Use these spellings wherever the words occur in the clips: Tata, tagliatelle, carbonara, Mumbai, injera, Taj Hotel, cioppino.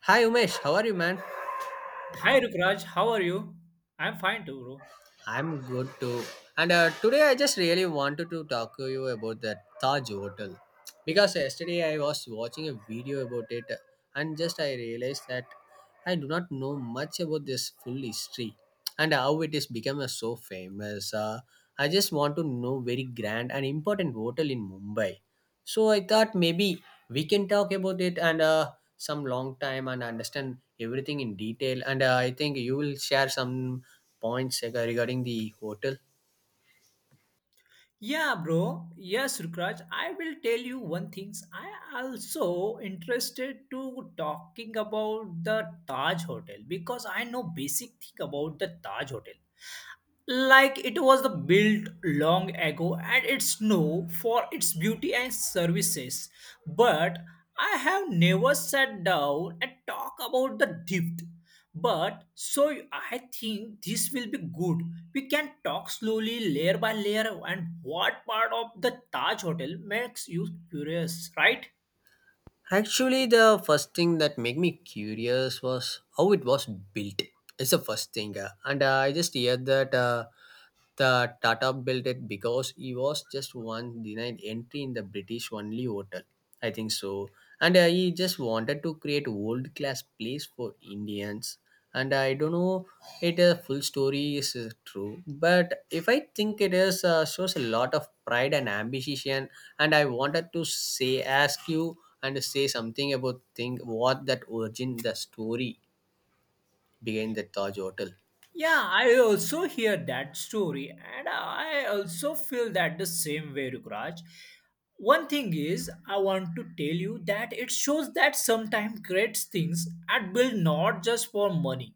Hi Umesh, how are you, man? Hi Rukraj, how are you? I'm fine too, bro. I'm good too. And Today I just really wanted to talk to you about the Taj Hotel because yesterday I was watching a video about it and just I realized that I do not know much about this full history and how it is become so famous. I just want to know very grand and important hotel in Mumbai. So I thought maybe we can talk about it and some long time and understand everything in detail. And I think you will share some points regarding the hotel. Yeah, bro. Yes, Rukraj, I will tell you one thing. I also interested to talking about the Taj Hotel because I know basic thing about the Taj Hotel. Like it was the built long ago and it's known for its beauty and services, but I have never sat down and talk about the depth, but so I think this will be good. We can talk slowly layer by layer. And what part of the taj hotel makes you curious, right? Actually, the first thing that made me curious was how it was built. It's the first thing, and I just heard that the Tata built it because he was just one denied entry in the British only hotel. I think so, and he just wanted to create world class place for Indians. And I don't know it a full story is true, but if I think it is shows a lot of pride and ambition. And I wanted to say, ask you and say something about think what that origin the story behind the Taj Hotel. Yeah, I also hear that story, and I also feel that the same way, Rukraj. One thing is, I want to tell you that it shows that sometimes great things are built not just for money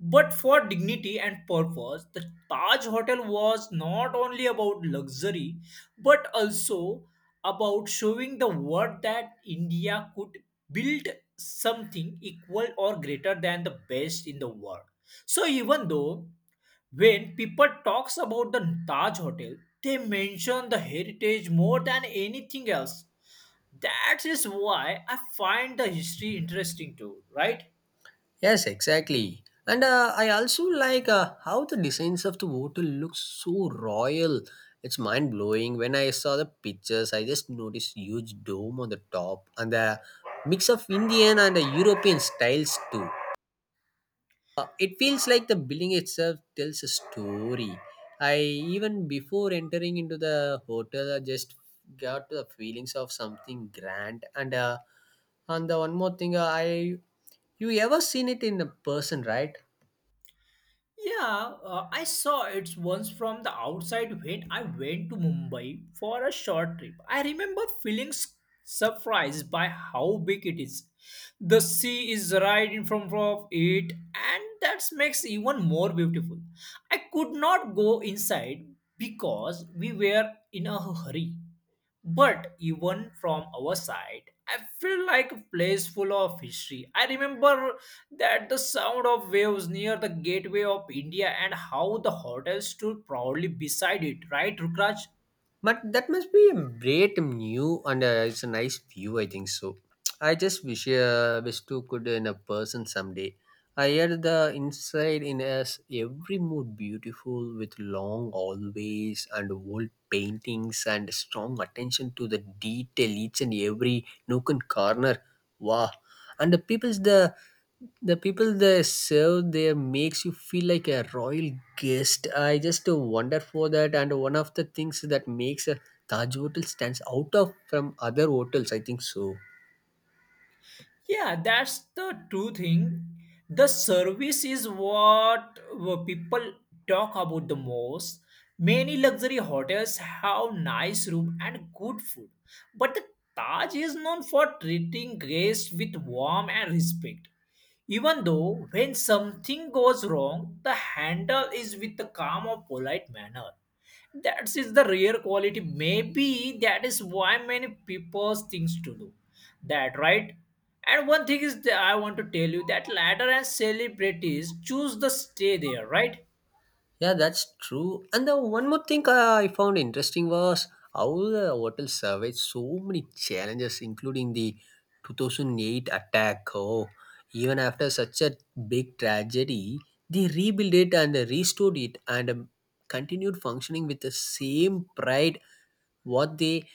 but for dignity and purpose. The Taj Hotel was not only about luxury but also about showing the world that India could build something equal or greater than the best in the world. So even though when people talks about the Taj Hotel, they mention the heritage more than anything else. That is why I find the history interesting too, right? Yes, exactly. And I also like how the designs of the hotel looks so royal. It's mind blowing. When I saw the pictures, I just noticed huge dome on the top and the mix of Indian and the European styles too. It feels like the building itself tells a story. I even before entering into the hotel, I just got the feelings of something grand. And the one more thing, I you ever seen it in a person, right? Yeah, I saw it once from the outside when I went to Mumbai for a short trip. I remember feeling surprised by how big it is. The sea is right in front of it, and that makes even more beautiful. I could not go inside because we were in a hurry. But even from our side, I feel like a place full of history. I remember that the sound of waves near the Gateway of India and how the hotel stood proudly beside it, right, Rukraj? But that must be a great new and it's a nice view, I think so. I just wish wish to could in a person someday. I hear the inside in us every mood beautiful with long always and old paintings and strong attention to the detail each and every nook and corner. Wow, and the people they serve there makes you feel like a royal guest. I just wonder for that and one of the things that makes a Taj Hotel stands out of from other hotels, I think so. Yeah, that's the true thing. The service is what people talk about the most. Many luxury hotels have nice room and good food, but the Taj is known for treating guests with warmth and respect. Even though when something goes wrong, the handle is with the calm or polite manner. That is the rare quality. Maybe that is why many people things to do. That right? And one thing is that I want to tell you that ladder and celebrities choose the stay there, right? Yeah, that's true. And the one more thing, I found interesting was how the hotel surveyed so many challenges, including the 2008 attack. Oh, even after such a big tragedy, they rebuilt it and restored it and continued functioning with the same pride what they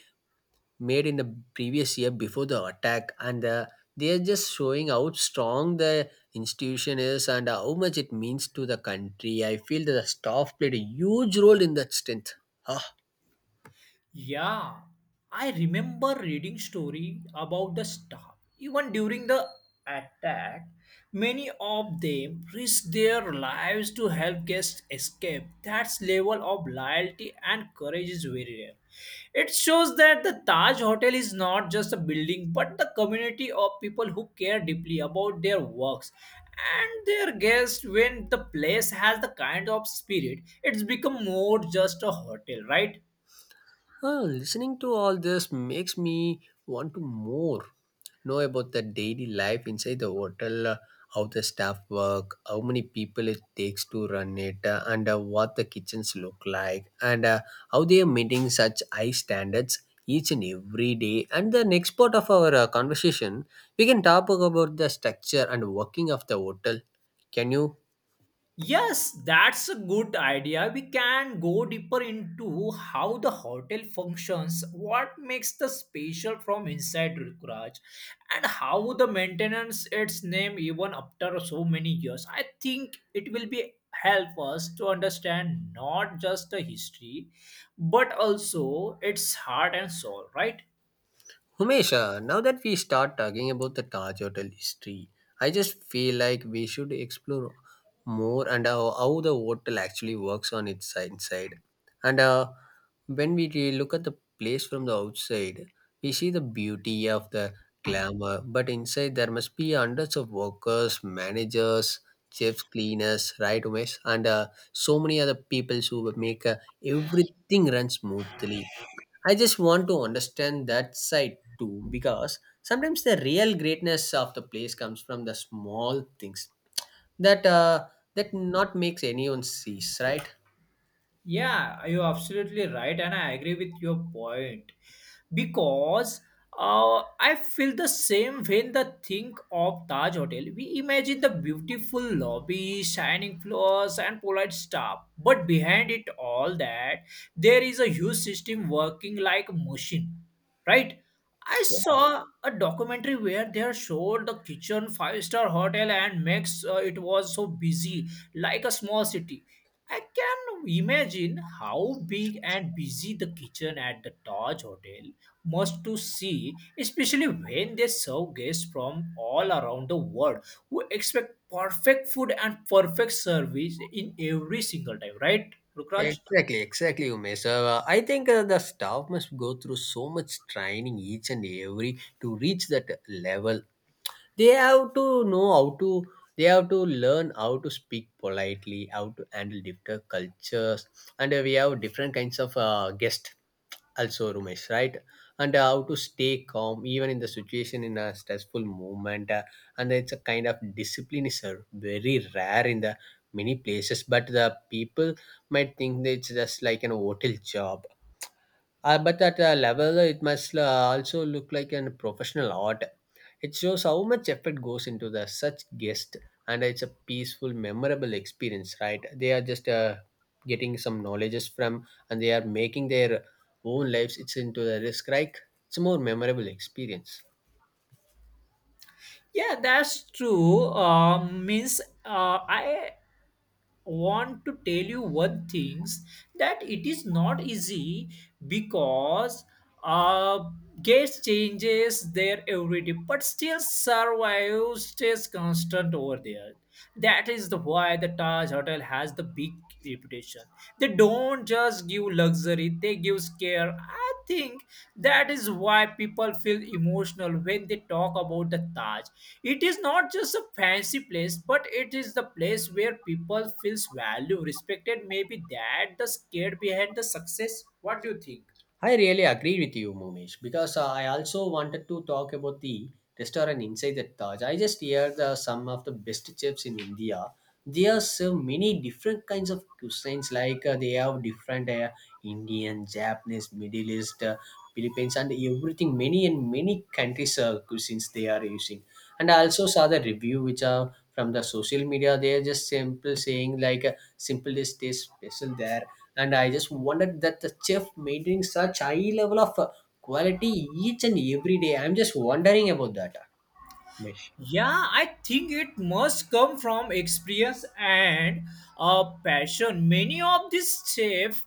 made in the previous year before the attack and they are just showing how strong the institution is and how much it means to the country. I feel that the staff played a huge role in that strength. Ah. Yeah, I remember reading story about the staff. Even during the attack, many of them risked their lives to help guests escape. That level of loyalty and courage is very rare. It shows that the Taj Hotel is not just a building but the community of people who care deeply about their works and their guests. When the place has the kind of spirit, it's become more just a hotel, right? Ah, listening to all this makes me want to more know about the daily life inside the hotel, how the staff work, how many people it takes to run it, and what the kitchens look like, and how they are meeting such high standards each and every day. And the next part of our conversation, we can talk about the structure and working of the hotel. Can you Yes, that's a good idea. We can go deeper into how the hotel functions, what makes the special from inside, Rukraj, and how the maintenance its name even after so many years. I think it will be help us to understand not just the history, but also its heart and soul. Right? Humesha, now that we start talking about the Taj Hotel history, I just feel like we should explore more and how the hotel actually works on its inside. And When we look at the place from the outside, we see the beauty of the glamour, but inside there must be hundreds of workers, managers, chefs, cleaners, right, Umesh, and so many other people who make everything run smoothly. I just want to understand that side too, because sometimes the real greatness of the place comes from the small things that that not makes anyone sees, right? Yeah, you're absolutely right, and I agree with your point because I feel the same when the think of Taj Hotel. We imagine the beautiful lobby, shining floors, and polite staff, but behind it all that, there is a huge system working like a machine, right? I saw a documentary where they showed the kitchen five-star hotel and makes it was so busy, like a small city. I can imagine how big and busy the kitchen at the Taj Hotel must to see, especially when they serve guests from all around the world who expect perfect food and perfect service in every single time, right, Rukraj? Exactly, exactly, Umesh. So, I think the staff must go through so much training each and every to reach that level. They have to know how to. They have to learn how to speak politely, how to handle different cultures, and we have different kinds of guests also Rumesh, right? And how to stay calm even in the situation in a stressful moment. And it's a kind of discipline is very rare in the many places, but the people might think that it's just like an hotel job, but at a level, it must also look like a professional art. It shows how much effort goes into the such guest, and it's a peaceful, memorable experience, right? They are just getting some knowledges from, and they are making their own lives. It's into the risk, right? It's a more memorable experience. Yeah, that's true. Means I want to tell you one things that it is not easy because uh, guest changes there every day, but still survive stays constant over there. That is the why the Taj Hotel has the big reputation. They don't just give luxury, they give care. I think that is why people feel emotional when they talk about the Taj. It is not just a fancy place, but it is the place where people feels value, respected, maybe that the scared behind the success. What do you think? I really agree with you, Mumesh, because I also wanted to talk about the restaurant inside the Taj. I just hear the some of the best chefs in India. They are serve many different kinds of cuisines, like they have different Indian, Japanese, Middle East, Philippines, and everything. Many and many countries cuisines they are using. And I also saw the review which are from the social media. They are just simple saying like simple is taste special there, and I just wondered that the chef maintaining such high level of quality each and every day. I'm just wondering about that, Mesh. Yeah, I think it must come from experience and a passion. Many of these chefs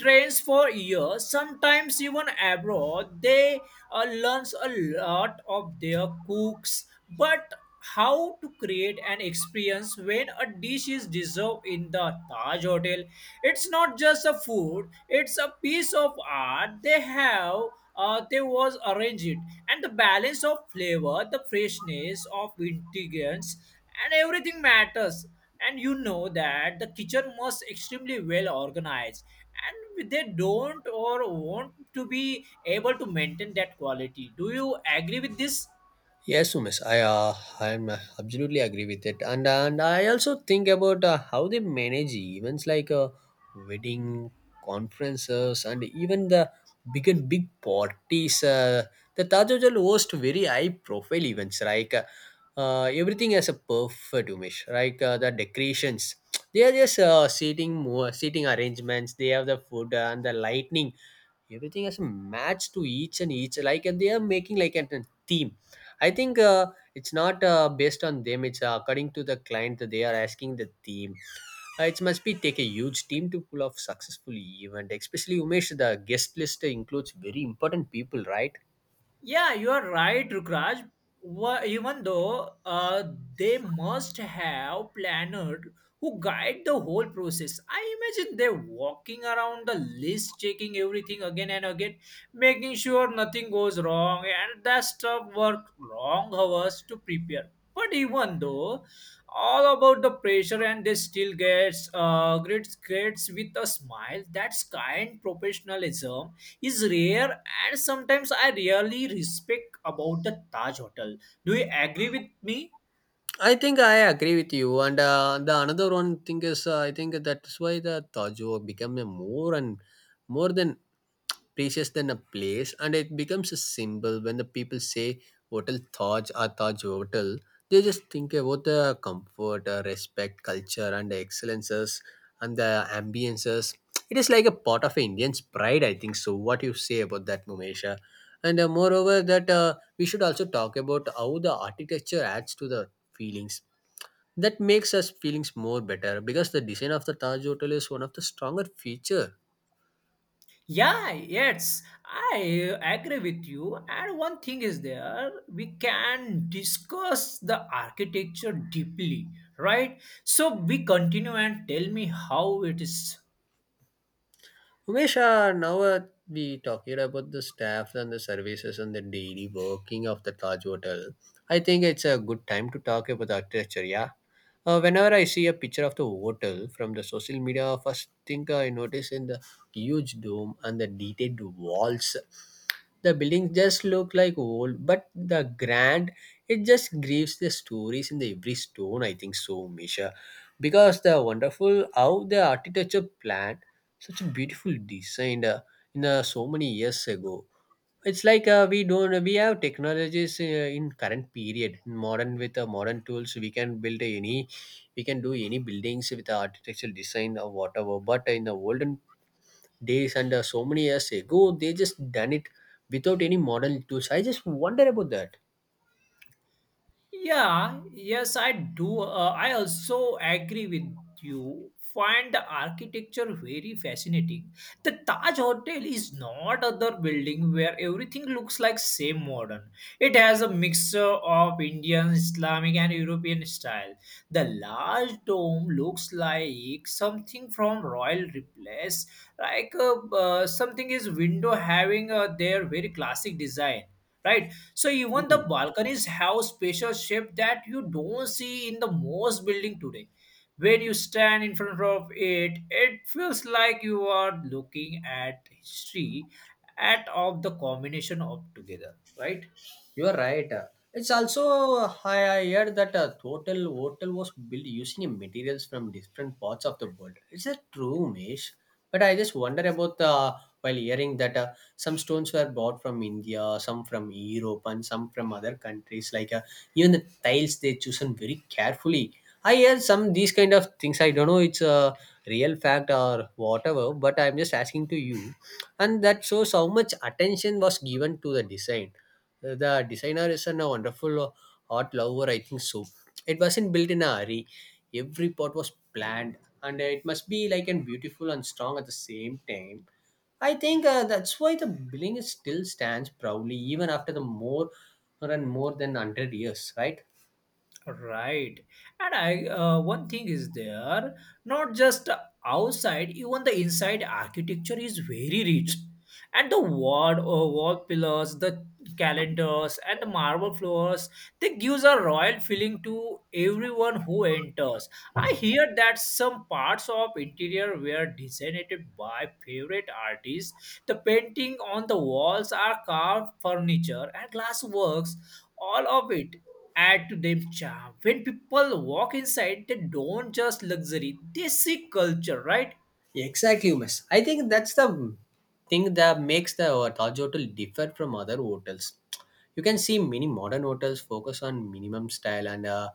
trains for years, sometimes even abroad. They learns a lot of their cooks, but how to create an experience when a dish is deserved in the Taj Hotel. It's not just a food; it's a piece of art. They have they was arranged it, and the balance of flavor, the freshness of ingredients, and everything matters. And you know that the kitchen must extremely well organized, and they don't or want to be able to maintain that quality. Do you agree with this? Yes, Umesh, I'm absolutely agree with it, and I also think about how they manage events like wedding, conferences, and even the big and big parties. The Taj Hotel hosts very high-profile events, like everything has a perfect Umesh, like the decorations. They are just seating more seating arrangements. They have the food and the lightning, everything has a match to each and each like, and they are making like an, a theme. I think it's not based on them. It's according to the client that they are asking the team. It must be take a huge team to pull off successful event. Especially Umesh, the guest list includes very important people, right? Yeah, you are right, Rukraj. Even though they must have planners who guide the whole process. I imagine they're walking around the list, checking everything again and again, making sure nothing goes wrong, and that stuff work long hours to prepare. But even though all about the pressure and they still gets grades with a smile, that's kind professionalism is rare, and sometimes I really respect about the Taj Hotel. Do you agree with me? I think I agree with you, and the another one thing is I think that's why the Tajo become a more and more than precious than a place, and it becomes a symbol when the people say Hotel Taj or Taj Hotel. They just think about the comfort, respect, culture, and the excellences and the ambiences. It is like a part of Indian's pride, I think. So, what you say about that, Numesha? And Moreover, that. We should also talk about how the architecture adds to the feelings that makes us feelings more better, because the design of the Taj Hotel is one of the stronger feature. Yeah, yes, I agree with you. And one thing is there, we can discuss the architecture deeply, right? So we continue and tell me how it is. Umesh, now we talking about the staff and the services and the daily working of the Taj Hotel. I think it's a good time to talk about the architecture. Yeah, whenever I see a picture of the hotel from the social media, first thing I notice in the huge dome and the detailed walls. The buildings just look like old, but the grand, it just grieves the stories in the every stone. I think so, Misha, because the wonderful how the architecture plan such a beautiful design in so many years ago. It's like we don't we have technologies in current period in modern with modern tools we can build any we can do any buildings with architectural design or whatever. But in the olden days and so many years ago, they just done it without any modern tools. I just wonder about that. Yeah, yes, I do. I also agree with you. Find the architecture very fascinating. The Taj Hotel is not other building where everything looks like same modern. It has a mixture of Indian, Islamic, and European style. The large dome looks like something from royal palace. Like something is window having their very classic design, right? So even the Mhm. balconies have a special shape that you don't see in the most building today. When you stand in front of it, it feels like you are looking at history at of the combination of together, right? You are right. It's also I heard that a total hotel was built using materials from different parts of the world. Is that true, Mesh? But I just wonder about while hearing that some stones were bought from India, some from Europe, and some from other countries. Like even the tiles they chosen very carefully. I hear some these kind of things. I don't know it's a real fact or whatever, but I'm just asking to you, and that shows how much attention was given to the design. The designer is a wonderful art lover, I think so. It wasn't built in a hurry. Every part was planned, and it must be like and beautiful and strong at the same time. I think that's why the building is still stands proudly even after the more and more than 100 years, right? Right. And I one thing is there, not just outside, even the inside architecture is very rich. And the wall, wall pillars, the calendars, and the marble floors, they gives a royal feeling to everyone who enters. I hear that some parts of interior were designed by favorite artists. The painting on the walls are carved furniture and glass works, all of it add to them charm. When people walk inside, they don't just luxury, they see culture, right? Exactly, miss. I think that's the thing that makes the Taj Hotel differ from other hotels. You can see many modern hotels focus on minimum style and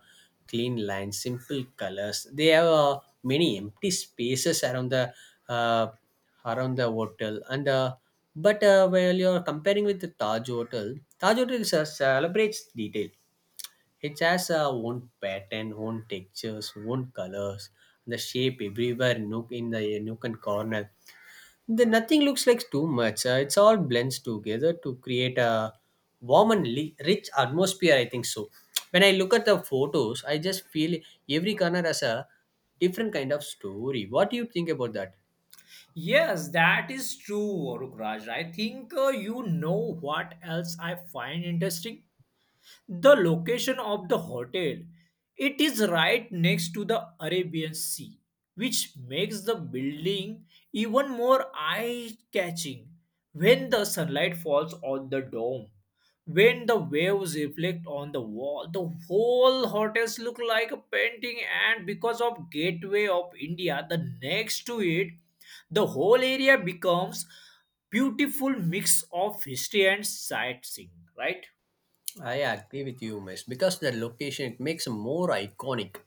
clean lines, simple colors. They have many empty spaces uh, around the hotel, and but while you're comparing with the Taj Hotel, Taj Hotel is, celebrates detail. It has a own pattern, own textures, own colors, the shape everywhere, nook in the nook and corner. The nothing looks like too much. It's all blends together to create a warm and rich atmosphere, I think so. When I look at the photos, I just feel every corner has a different kind of story. What do you think about that? Yes, that is true, Rukraj. I think you know what else I find interesting. The location of the hotel, it is right next to the Arabian Sea, which makes the building even more eye-catching when the sunlight falls on the dome. When the waves reflect on the wall, the whole hotels look like a painting, and because of Gateway of India, the next to it, the whole area becomes beautiful mix of history and sightseeing, right? I agree with you, Miss, because the location it makes more iconic.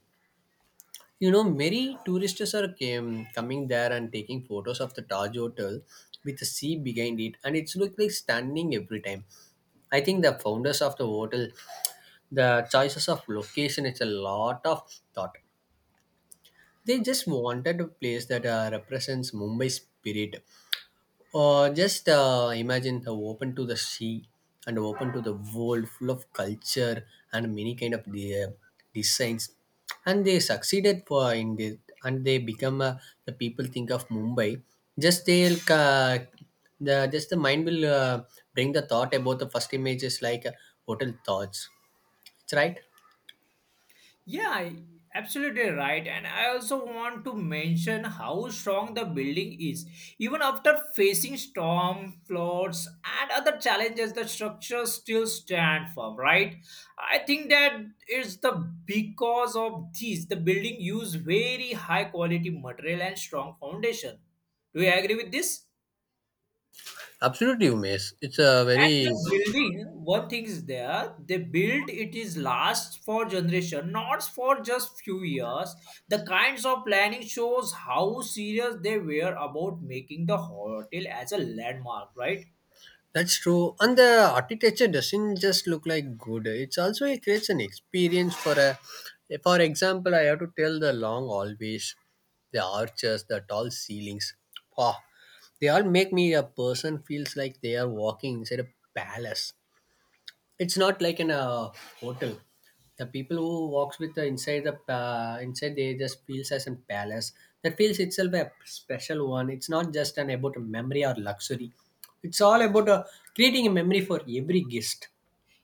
You know, many tourists are came, coming there and taking photos of the Taj Hotel with the sea behind it, and it's look like standing every time. I think the founders of the hotel, the choices of location, it's a lot of thought. They just wanted a place that represents Mumbai spirit, or just imagine the open to the sea and open to the world full of culture and many kind of the, designs. And they succeeded for in this, and they become the people think of Mumbai. Just they'll the just the mind will bring the thought about the first images like hotel thoughts. It's right. Yeah, absolutely right. And I also want to mention how strong the building is. Even after facing storm, floods, and other challenges, the structure still stand firm, right? I think that is the because of this, the building use very high quality material and strong foundation. Do you agree with this? Absolutely, Umesh. It's a And very. the building, one thing is there, they build it is last for generation, not for just few years. The kinds of planning shows how serious they were about making the hotel as a landmark, right? That's true. And the architecture doesn't just look like good. It's also it creates an experience for a. For example, I have to tell the long hallways, the arches, the tall ceilings. Wow, they all make me a person feels like they are walking inside a palace. It's not like in a hotel. The people who walks with the inside they just feels as a palace, that feels itself a special one. It's not just an about a memory or luxury. It's all about creating a memory for every guest.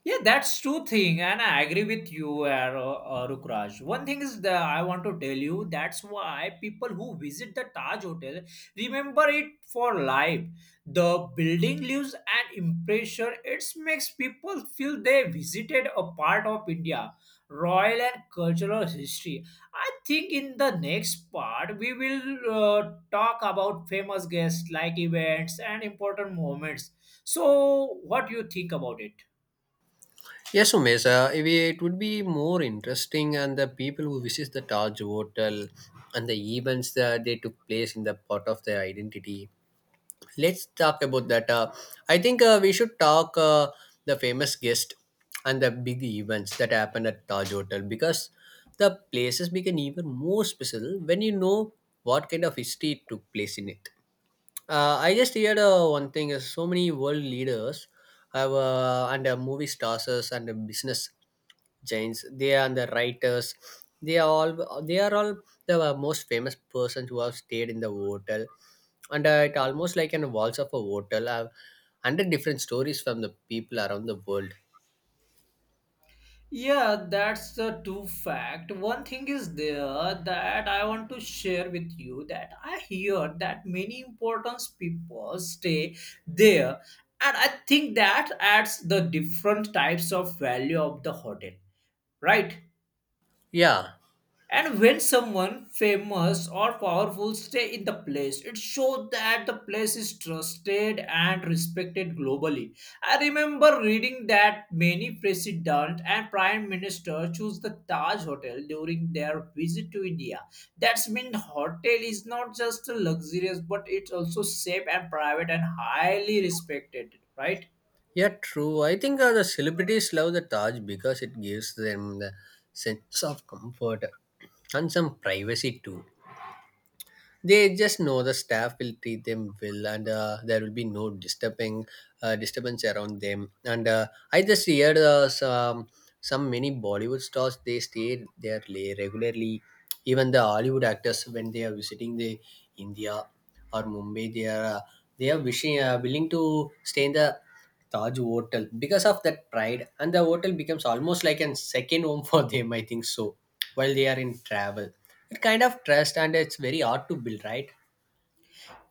Yeah, that's true thing, and I agree with you, Arukraj. One thing is that I want to tell you that's why people who visit the Taj Hotel remember it for life. The building leaves an impression. It makes people feel they visited a part of India, royal and cultural history. I think in the next part we will talk about famous guests like events and important moments. So, what do you think about it? Yes, Umesh, if it would be more interesting and the people who visit the Taj Hotel and the events that they took place in the part of their identity. Let's talk about that. I think we should talk the famous guest and the big events that happen at Taj Hotel, because the places become even more special when you know what kind of history took place in it. I just heard one thing is so many world leaders have and movie stars and business Jains, they are the writers. They are all the most famous persons who have stayed in the hotel, and it almost like an walls of a hotel. I've hundred different stories from the people around the world. Yeah, that's the true fact. One thing is there that I want to share with you that I hear that many important people stay there, and I think that adds the different types of value of the hotel, right? Yeah, And when someone famous or powerful stay in the place, it shows that the place is trusted and respected globally. I remember reading that many president and prime minister choose the Taj Hotel during their visit to India. That's mean hotel is not just luxurious, but it's also safe and private and highly respected, right? yeah, true. I think the celebrities love the Taj because it gives them the sense of comfort and some privacy too. They just know the staff will treat them well, and there will be no disturbing disturbance around them, and I just heard some many Bollywood stars they stay there regularly. Even the Hollywood actors when they are visiting the India or Mumbai, they are wishing willing to stay in the Taj Hotel. Because of that pride, and the hotel becomes almost like a second home for them, I think so, while they are in travel. It kind of trust and it's very hard to build, right?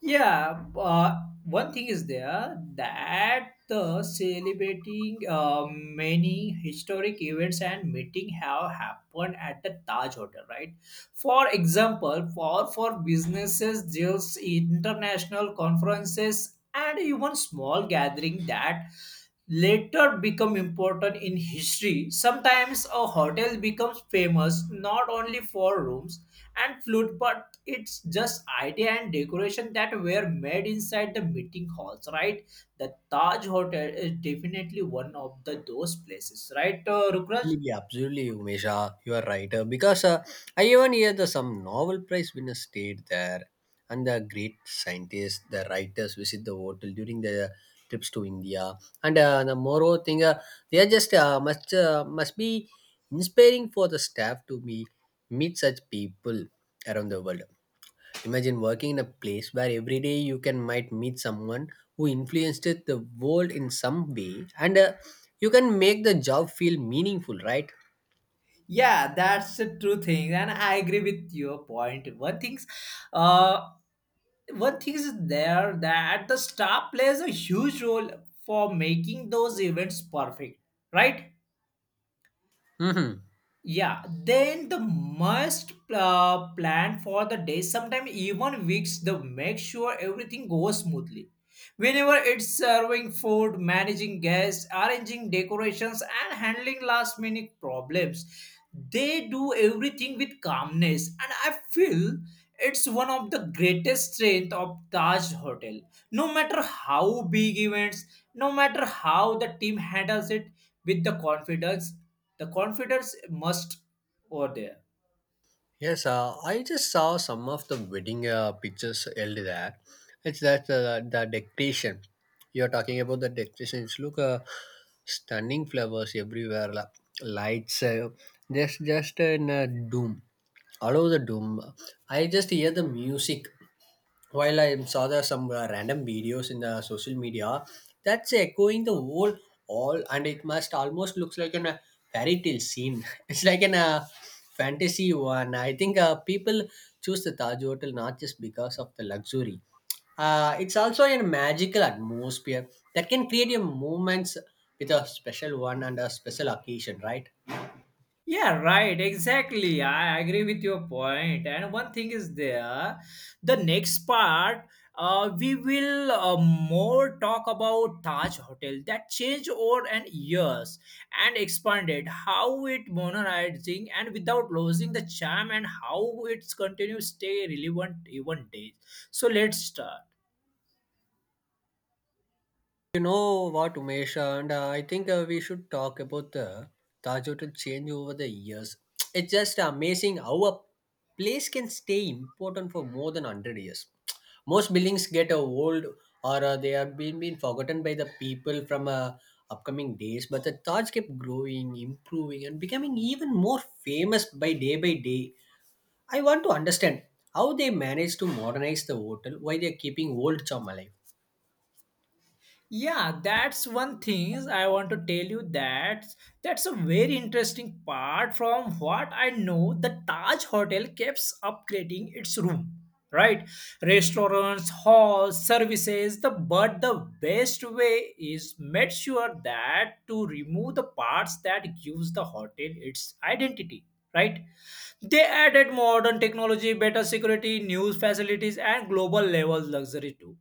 Yeah, one thing is there that the celebrating many historic events and meeting have happened at the Taj Hotel, right? For example, for businesses, there's international conferences and even small gathering that later become important in history. Sometimes a hotel becomes famous not only for rooms and food, but it's just idea and decoration that were made inside the meeting halls, right? The Taj Hotel is definitely one of the those places, right, Rukraj? Absolutely, absolutely, Umesha. You are right. Because I even hear the some Nobel Prize winners stayed there, and the great scientists, the writers visit the hotel during the trips to India. And the moreover thing, they are just must be inspiring for the staff to be meet such people around the world. Imagine working in a place where every day you can might meet someone who influenced the world in some way, and you can make the job feel meaningful, right? Yeah, that's a true thing, and I agree with your point. Uh, one thing is there that the star plays a huge role for making those events perfect, right? Mm-hmm. Yeah, then the must plan for the day, sometimes even weeks, the make sure everything goes smoothly, whenever it's serving food, managing guests, arranging decorations, and handling last minute problems. They do everything with calmness, and I feel it's one of the greatest strength of Taj Hotel. No matter how big events, no matter how the team handles it with the confidence must over there. Yes, I just saw some of the wedding pictures held there. It's that the decoration. You're talking about the decorations. Look, stunning flowers everywhere, lights. Just, just in doom. All over the doom. I just hear the music while I saw there some random videos in the social media that's echoing the whole all, and it must almost looks like an fairy tale scene. It's like an fantasy one. I think people choose the Taj Hotel not just because of the luxury. It's also a magical atmosphere that can create a moments with a special one and a special occasion, right? Yeah, right. Exactly. I agree with your point. And one thing is there, the next part, we will more talk about Taj Hotel that changed over and years and expanded, how it modernizing and without losing the charm and how it's continues stay relevant even days. So let's start. You know what, Umesh, and I think we should talk about the Taj Hotel change over the years. It's just amazing how a place can stay important for more than 100 years. Most buildings get old, or they have been forgotten by the people from upcoming days, but the Taj kept growing, improving, and becoming even more famous by day by day. I want to understand how they managed to modernize the hotel while they're keeping old charm alive. Yeah, that's one thing I want to tell you that that's a very interesting part. From what I know, the Taj Hotel keeps upgrading its room. Right? Restaurants, halls, services, the but the best way is make sure that to remove the parts that gives the hotel its identity. Right? They added modern technology, better security, news facilities, and global level luxury too.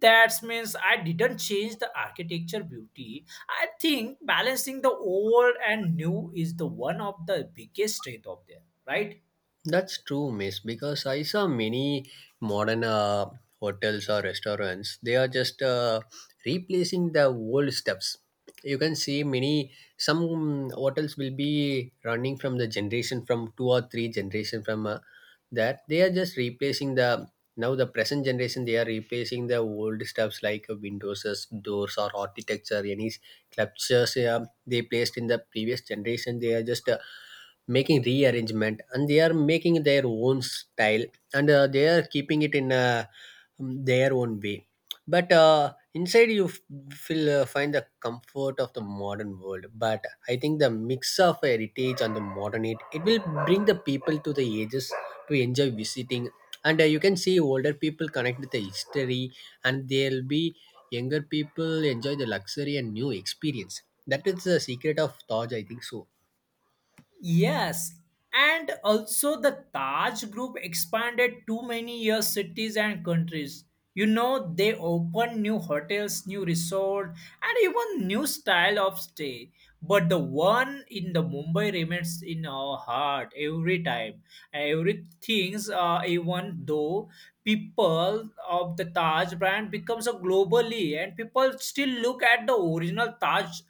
That means I didn't change the architecture beauty. I think balancing the old and new is the one of the biggest strength of there, right? That's true, miss, because I saw many modern hotels or restaurants. They are just replacing the old steps. You can see many, some hotels will be running from the generation from two or three generation from that. They are just replacing the, now the present generation, they are replacing the old stuffs like windows, doors or architecture, any sculptures they placed in the previous generation. They are just making rearrangement, and they are making their own style, and they are keeping it in their own way. But inside you feel find the comfort of the modern world. But I think the mix of heritage and the modern it, it will bring the people to the ages to enjoy visiting, and you can see older people connect with the history, and there'll be younger people enjoy the luxury and new experience. That is the secret of Taj, I think so. Yes, and also the Taj Group expanded to many year cities and countries. You know, they opened new hotels, new resort, and even new style of stay. But the one in the Mumbai remains in our heart every time. Everything's even though people of the Taj brand becomes a globally, and people still look at the original Taj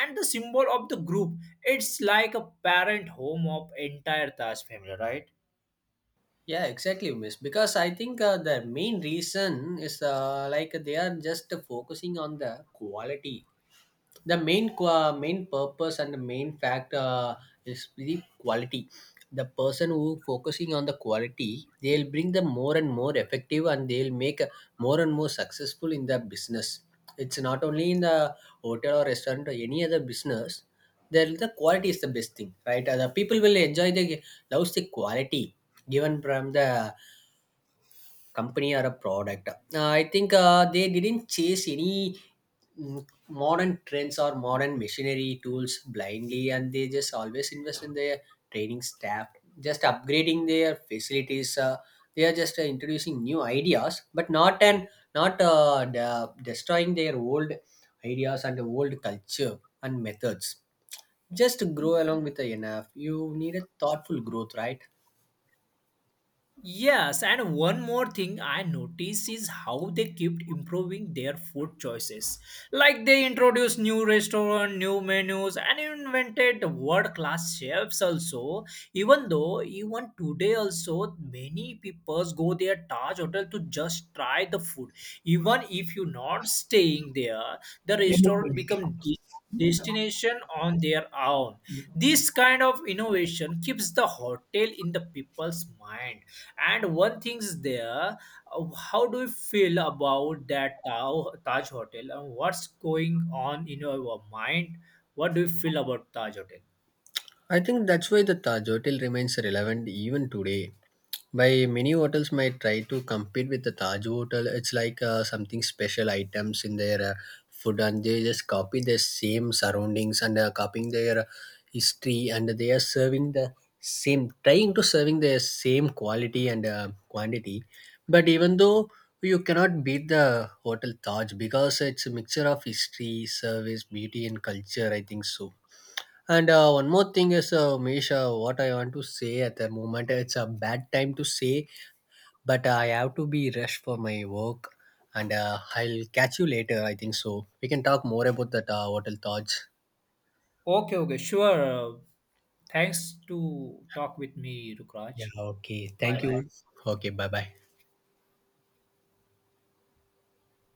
and the symbol of the group. It's like a parent home of entire Taj family, right? Yeah, exactly, miss. Because I think the main reason is like they are just focusing on the quality. The main qua main purpose and the main fact is the quality. The person who focusing on the quality, they'll bring the more and more effective, and they'll make more and more successful in their business. It's not only in the hotel or restaurant or any other business. There the quality is the best thing, right? The people will enjoy the loves the quality given from the company or a product. I think they didn't chase any modern trends or modern machinery tools blindly, and they just always invest in their training staff, just upgrading their facilities. They are just introducing new ideas, but not destroying their old ideas and old culture and methods. Just grow along with the enough, you need a thoughtful growth, right? Yes, and one more thing I notice is how they kept improving their food choices. Like they introduced new restaurant, new menus, and invented world-class chefs also. Even though even today also many people go their Taj Hotel to just try the food. Even if you're not staying there, the Yeah, restaurant become destination on their own. This kind of innovation keeps the hotel in the people's mind. And one thing's there, how do you feel about that Taj Hotel and what's going on in your mind? What do you feel about Taj Hotel? I think that's why the Taj Hotel remains relevant even today. By many hotels might try to compete with the Taj Hotel. It's like something special items in their food, and they just copy the same surroundings, and copying their history, and they are serving the same, trying to serving the same quality and quantity. But even though you cannot beat the hotel Taj, because it's a mixture of history, service, beauty, and culture, I think so. And one more thing is, Misha, what I want to say at the moment, it's a bad time to say, but I have to be rushed for my work. And I'll catch you later, I think so. We can talk more about that hotel thoughts. Okay, okay, sure. Thanks to talk with me, Rukraj. Yeah, okay. Bye Thank bye. you. Okay, bye bye.